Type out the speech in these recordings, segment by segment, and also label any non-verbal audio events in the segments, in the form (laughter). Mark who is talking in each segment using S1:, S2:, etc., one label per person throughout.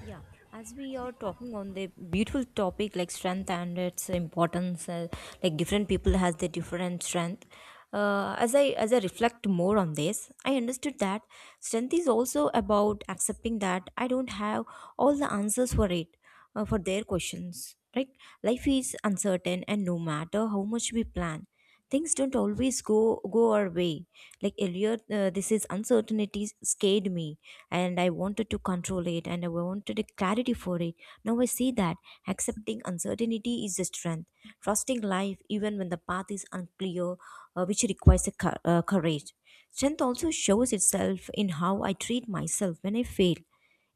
S1: Yeah, as we are talking on the beautiful topic like strength and its importance, like different people has their different strength. As I reflect more on this, I understood that strength is also about accepting that I don't have all the answers for it, for their questions, right? Life is uncertain, and no matter how much we plan, things don't always go our way. Like earlier this is uncertainty scared me, and I wanted to control it and I wanted a clarity for it. Now I see that accepting uncertainty is a strength, trusting life even when the path is unclear, which requires a courage. Strength also shows itself in how I treat myself when I fail.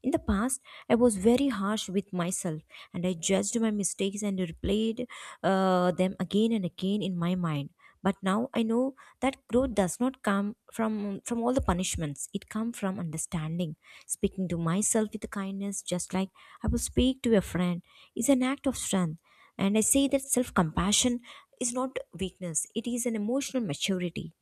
S1: In the past, I was very harsh with myself and I judged my mistakes and replayed them again and again in my mind. But now I know that growth does not come from all the punishments. It comes from understanding. Speaking to myself with kindness, just like I will speak to a friend, is an act of strength. And I say that self compassion is not weakness, it is an emotional maturity.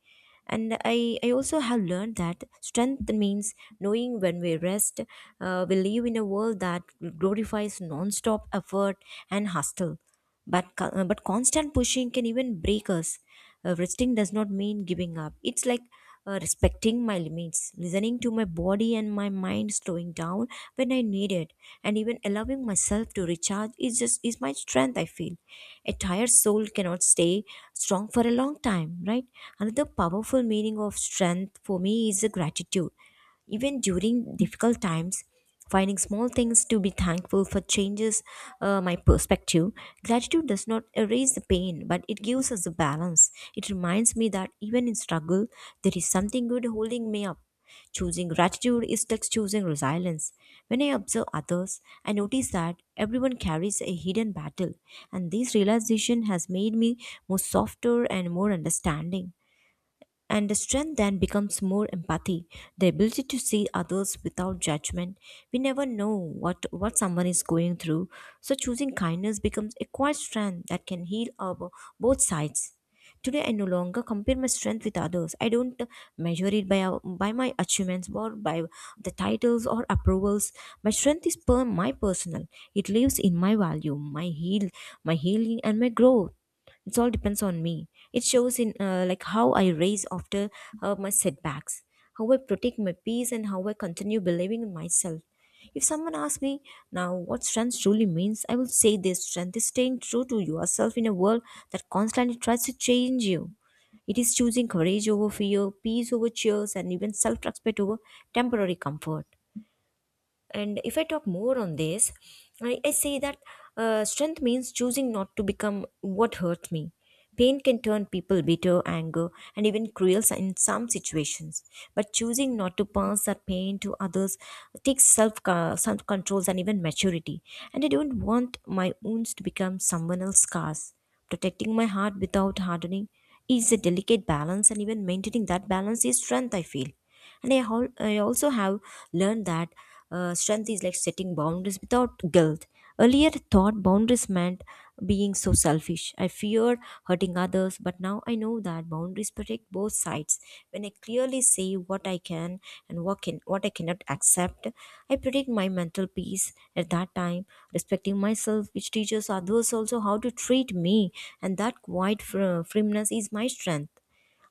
S1: And I also have learned that strength means knowing when we rest. We live in a world that glorifies non-stop effort and hustle, but but constant pushing can even break us. Resting does not mean giving up. It's like respecting my limits, listening to my body and my mind, slowing down when I need it, and even allowing myself to recharge is just is my strength. I feel a tired soul cannot stay strong for a long time, right? Another powerful meaning of strength for me is the gratitude even during difficult times. Finding small things to be thankful for changes my perspective. Gratitude does not erase the pain, but it gives us a balance. It reminds me that even in struggle, there is something good holding me up. Choosing gratitude is like choosing resilience. When I observe others, I notice that everyone carries a hidden battle, and this realization has made me more softer and more understanding. And the strength then becomes more empathy, the ability to see others without judgment. We never know what someone is going through, so choosing kindness becomes a quiet strength that can heal our, both sides. Today, I no longer compare my strength with others. I don't measure it by, by my achievements or by the titles or approvals. My strength is per my personal. It lives in my value, my my healing, and my growth. It's all depends on me. It shows in like how I raise after my setbacks, how I protect my peace, and how I continue believing in myself. If someone asks me now what strength truly means, I will say this: strength is staying true to yourself in a world that constantly tries to change you. It is choosing courage over fear, peace over cheers, and even self-respect over temporary comfort. And if I talk more on this, I say that strength means choosing not to become what hurts me. Pain can turn people bitter, anger, and even cruel in some situations. But choosing not to pass that pain to others takes self controls and even maturity. And I don't want my wounds to become someone else's scars. Protecting my heart without hardening is a delicate balance, and even maintaining that balance is strength, I feel. And I also have learned that strength is like setting boundaries without guilt. Earlier, I thought boundaries meant being so selfish. I feared hurting others, but now I know that boundaries protect both sides. When I clearly say what I can and what I cannot accept, I protect my mental peace at that time, respecting myself, which teaches others also how to treat me, and that quiet firmness is my strength.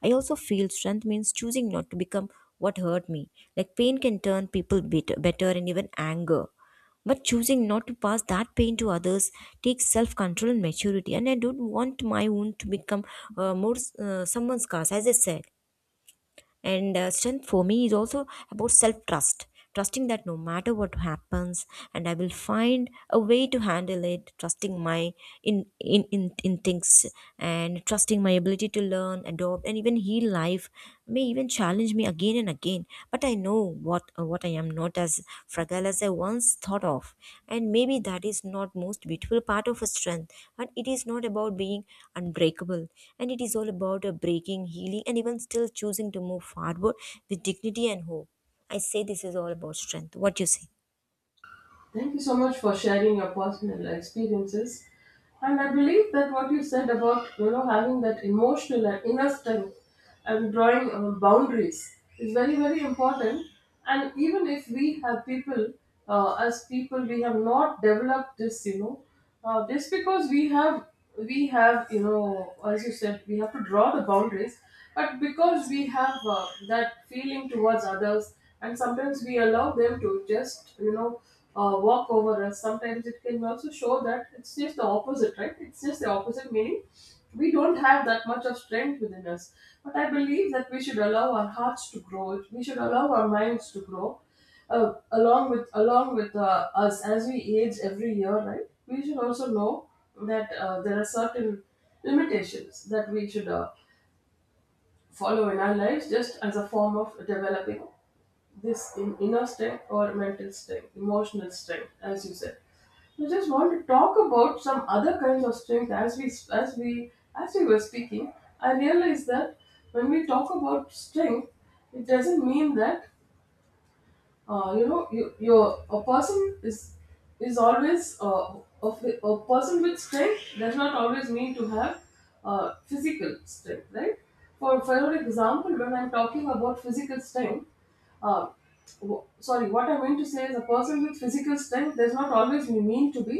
S1: I also feel strength means choosing not to become what hurt me. Like pain can turn people better and even anger. But choosing not to pass that pain to others takes self control and maturity. And I don't want my wound to become more someone's scars, as I said. And strength for me is also about self trust, trusting that no matter what happens, and I will find a way to handle it, trusting my in things, and trusting my ability to learn, adopt, and even heal. Life may even challenge me again and again, but I know what I am not as fragile as I once thought of. And maybe that is not most beautiful part of a strength. And it is not about being unbreakable. And it is all about a breaking, healing, and even still choosing to move forward with dignity and hope. I say this is all about strength. What you say?
S2: Thank you so much for sharing your personal experiences. And I believe that what you said about having that emotional and inner strength and drawing boundaries is very important. And even if we have people, as people, we have not developed this. Just because we have as you said we have to draw the boundaries, but because we have that feeling towards others, and sometimes we allow them to just walk over us. Sometimes it can also show that it's just the opposite, right? It's just the opposite meaning. We don't have that much of strength within us, but I believe that we should allow our hearts to grow. We should allow our minds to grow along with us as we age every year, right? We should also know that there are certain limitations that we should follow in our lives just as a form of developing this in inner strength or mental strength, emotional strength, as you said. I just want to talk about some other kinds of strength as we were speaking. I realized that when we talk about strength, it doesn't mean that you know you you're a person is always a person with strength does not always mean to have physical strength, right? For your example, when I'm talking about physical strength, uh, sorry, what I meant to say is a person with physical strength does not always mean to be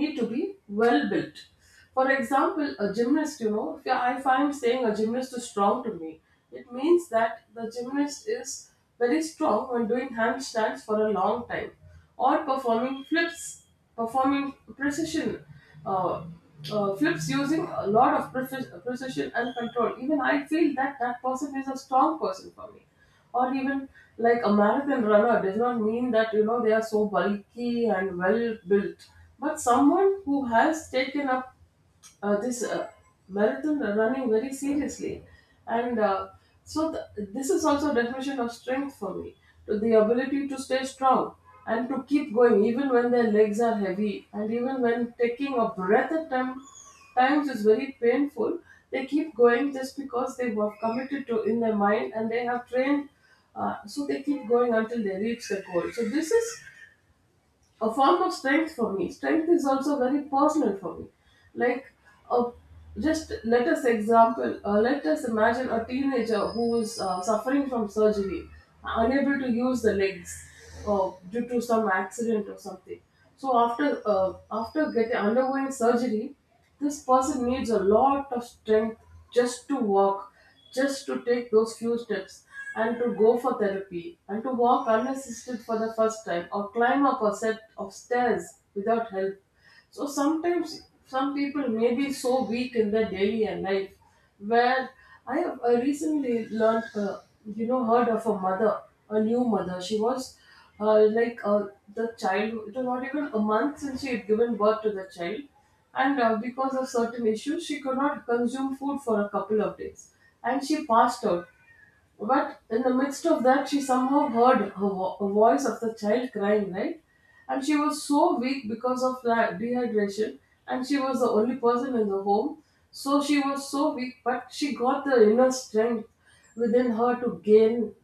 S2: need to be well built. For example, a gymnast, you know, if I find saying a gymnast is strong to me, it means that the gymnast is very strong when doing handstands for a long time or performing flips, performing precision, uh, flips using a lot of precision and control. Even I feel that person is a strong person for me. Or even like a marathon runner does not mean that, you know, they are so bulky and well built, but someone who has taken up this marathon running very seriously, and this is also definition of strength for me, to the ability to stay strong and to keep going even when their legs are heavy and even when taking a breath at times is very painful. They keep going just because they were committed to in their mind and they have trained, so they keep going until they reach the goal. So this is a form of strength for me. Strength is also very personal for me. Like, uh, just let us example, Let us imagine a teenager who is suffering from surgery, unable to use the legs due to some accident or something. So after getting undergoing surgery, this person needs a lot of strength just to walk, just to take those few steps, and to go for therapy, and to walk unassisted for the first time, or climb up a set of stairs without help. So sometimes some people may be so weak in their daily life where I have recently learnt, you know, heard of a mother, a new mother. She was uh, like uh, it was not even a month since she had given birth to the child. And because of certain issues, she could not consume food for a couple of days. And she passed out. But in the midst of that, she somehow heard a voice of the child crying, right? And she was so weak because of the dehydration, and she was the only person in the home. So she was so weak, but she got the inner strength within her to gain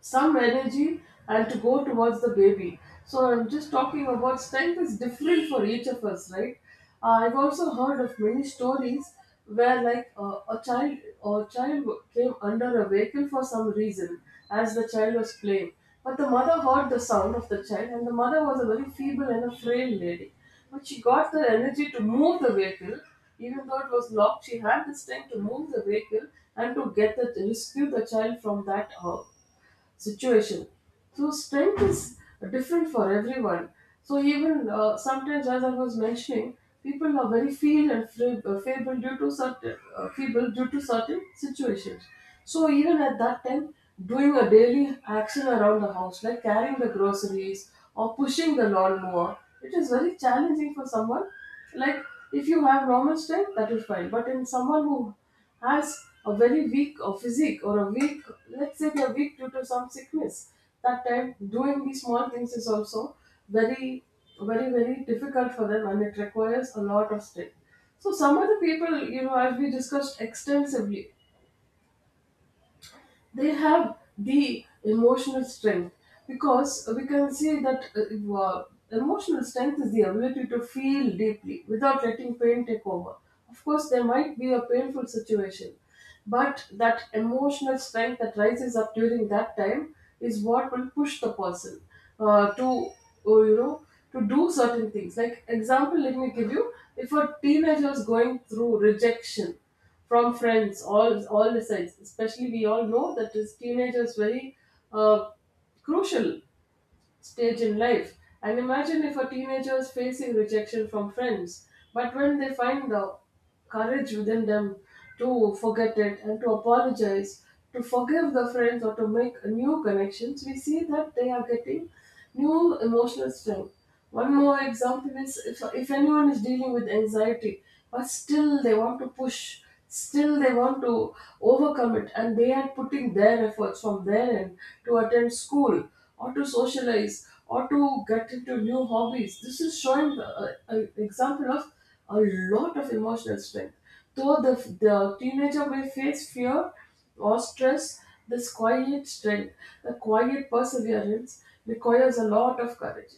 S2: some energy and to go towards the baby. So I'm just talking about strength is different for each of us, right? I've also heard of many stories where, like, a child or child came under a vehicle for some reason as the child was playing. But the mother heard the sound of the child and the mother was a very feeble and a frail lady. But she got the energy to move the vehicle. Even though it was locked, she had the strength to move the vehicle and to get the rescue the child from that situation. So strength is different for everyone. So even sometimes, as I was mentioning, people are very feeble and feeble due to certain situations. So even at that time, doing a daily action around the house, like carrying the groceries or pushing the lawnmower, it is very challenging for someone. Like, if you have normal strength, that is fine, but in someone who has a very weak or physique or a weak, let's say they're weak due to some sickness, that time doing these small things is also very very very difficult for them and it requires a lot of strength. So some of the people, you know, as we discussed extensively, they have the emotional strength, because we can see that emotional strength is the ability to feel deeply without letting pain take over. Of course, there might be a painful situation, but that emotional strength that rises up during that time is what will push the person to, oh, you know, to do certain things. Like example, let me give you: if a teenager is going through rejection from friends, all the sides. Especially we all know that is teenager is very uh, crucial stage in life. And imagine if a teenager is facing rejection from friends, but when they find the courage within them to forget it and to apologize, to forgive the friends or to make new connections, we see that they are getting new emotional strength. One more example is if anyone is dealing with anxiety, but still they want to push, still they want to overcome it, and they are putting their efforts from their end to attend school or to socialize or to get into new hobbies. This is showing an example of a lot of emotional strength. Though the teenager may face fear or stress, this quiet strength, the quiet perseverance requires a lot of courage.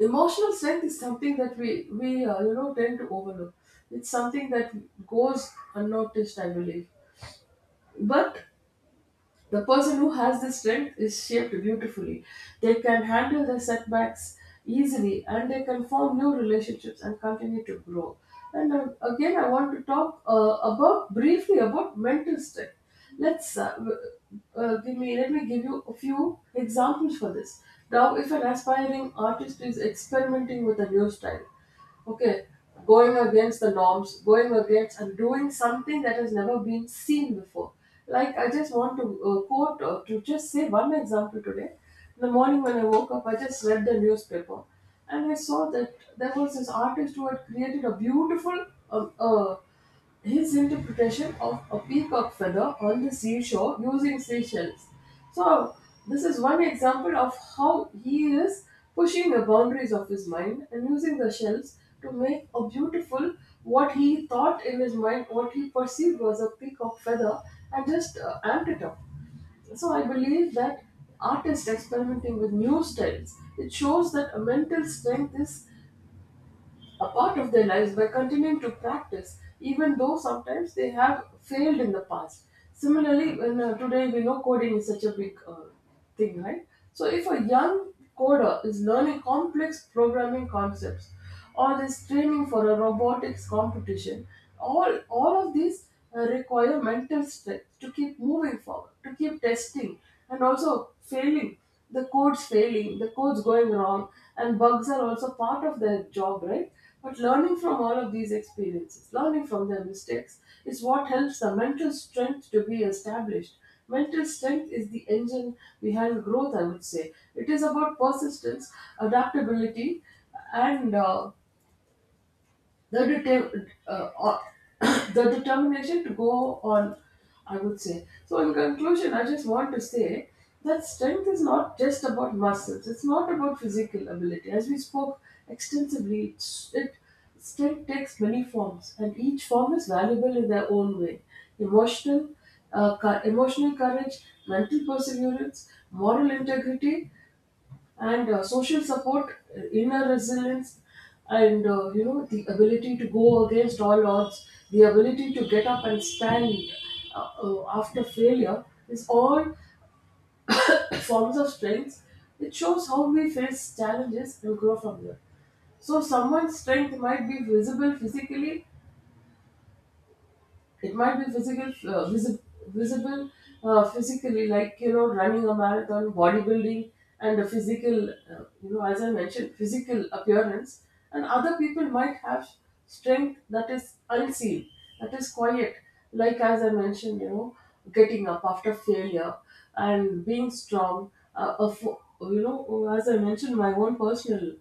S2: Emotional strength is something that we tend to overlook. It's something that goes unnoticed, I believe, but the person who has this strength is shaped beautifully. They can handle their setbacks easily and they can form new relationships and continue to grow. And again, I want to talk about briefly about mental strength. Let's uh, w- Let me give you a few examples for this. Now, if an aspiring artist is experimenting with a new style, okay, going against the norms, going against and doing something that has never been seen before, like I just want to quote, to just say one example. Today in the morning when I woke up I just read the newspaper and I saw that there was this artist who had created a beautiful uh, uh, his interpretation of a peacock feather on the seashore using seashells. So this is one example of how he is pushing the boundaries of his mind and using the shells to make a beautiful, what he thought in his mind, what he perceived was a peacock feather, and just amped it up. So I believe that artists experimenting with new styles, it shows that a mental strength is a part of their lives by continuing to practice, even though sometimes they have failed in the past. Similarly, when, today we know coding is such a big thing, right? So, if a young coder is learning complex programming concepts or is training for a robotics competition, all of these require mental strength to keep moving forward, to keep testing, and also failing. The code's failing, the code's going wrong, and bugs are also part of their job, right? But learning from all of these experiences, learning from their mistakes, is what helps the mental strength to be established. Mental strength is the engine behind growth, I would say. It is about persistence, adaptability, and the deter- uh, uh, (coughs) the determination to go on, I would say. So in conclusion, I just want to say that strength is not just about muscles, it's not about physical ability. As we spoke extensively, it's- it strength takes many forms and each form is valuable in their own way: emotional, emotional courage, mental perseverance, moral integrity, and social support, inner resilience, and, the ability to go against all odds, the ability to get up and stand after failure, is all (coughs) forms of strength. It shows how we face challenges and grow from them. So someone's strength might be visible physically, it might be physical visible physically, like, you know, running a marathon, bodybuilding, and a physical, as I mentioned, physical appearance, and other people might have strength that is unseen, that is quiet, like, as I mentioned, you know, getting up after failure and being strong, you know, as I mentioned, my own personal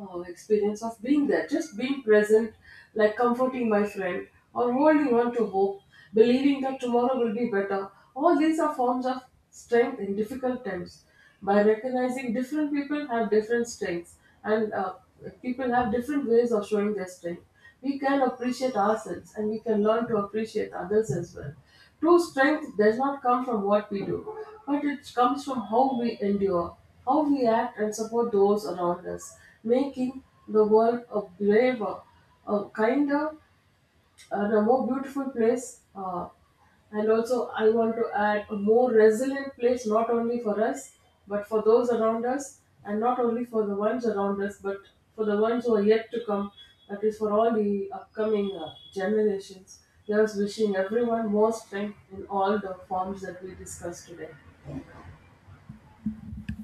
S2: experience of being there, just being present, like comforting my friend or holding on to hope, believing that tomorrow will be better. All these are forms of strength in difficult times. By recognizing different people have different strengths and people have different ways of showing their strength, we can appreciate ourselves and we can learn to appreciate others as well. True strength does not come from what we do, but it comes from how we endure, how we act and support those around us, making the world a braver, a kinder, a no more beautiful place. And also, I want to add, a more resilient place, not only for us, but for those around us, and not only for the ones around us, but for the ones who are yet to come. That is for all the upcoming generations. Thus, wishing everyone more strength in all the forms that we discussed today.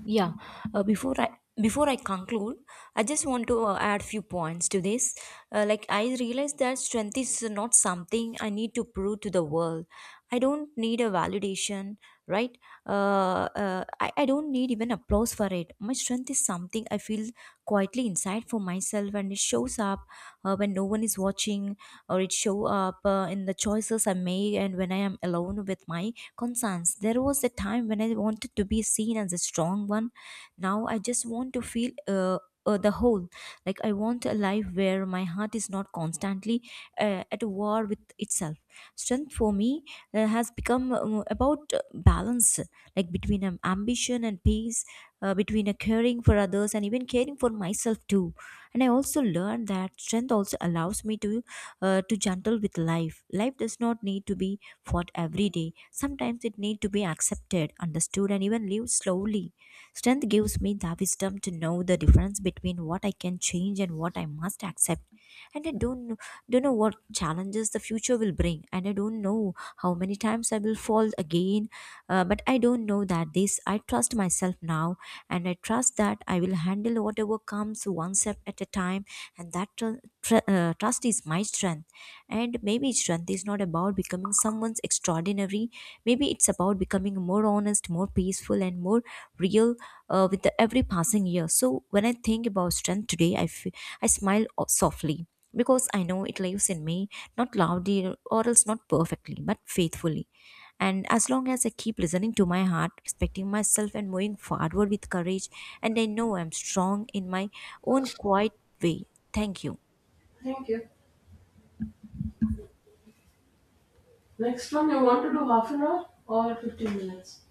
S1: Yeah, before I conclude, I just want to add few points to this. Like I realize that strength is not something I need to prove to the world. I don't need a validation, right? I don't need even applause for it. My strength is something I feel quietly inside for myself, and it shows up when no one is watching, or it show up in the choices I make, and when I am alone with my concerns. There was a time when I wanted to be seen as a strong one. Now I just want to feel the whole. Like I want a life where my heart is not constantly at war with itself. Strength for me has become about balance, like between ambition and peace, between caring for others and even caring for myself too. And I also learned that strength also allows me to gentle with life. Life does not need to be fought every day. Sometimes it needs to be accepted, understood, and even lived slowly. Strength gives me the wisdom to know the difference between what I can change and what I must accept. And I don't know what challenges the future will bring, and I don't know how many times I will fall again. But I don't know that this, I trust myself now, and I trust that I will handle whatever comes one step at a time. And that trust is my strength. And maybe strength is not about becoming someone's extraordinary. Maybe it's about becoming more honest, more peaceful, and more real with the every passing year. So when I think about strength today, I smile softly, because I know it lives in me, not loudly or else not perfectly, but faithfully. And as long as I keep listening to my heart, respecting myself, and moving forward with courage, and I know I'm strong in my own quiet way. Thank you.
S2: Thank you. Next one, you want to do half an hour or 15 minutes?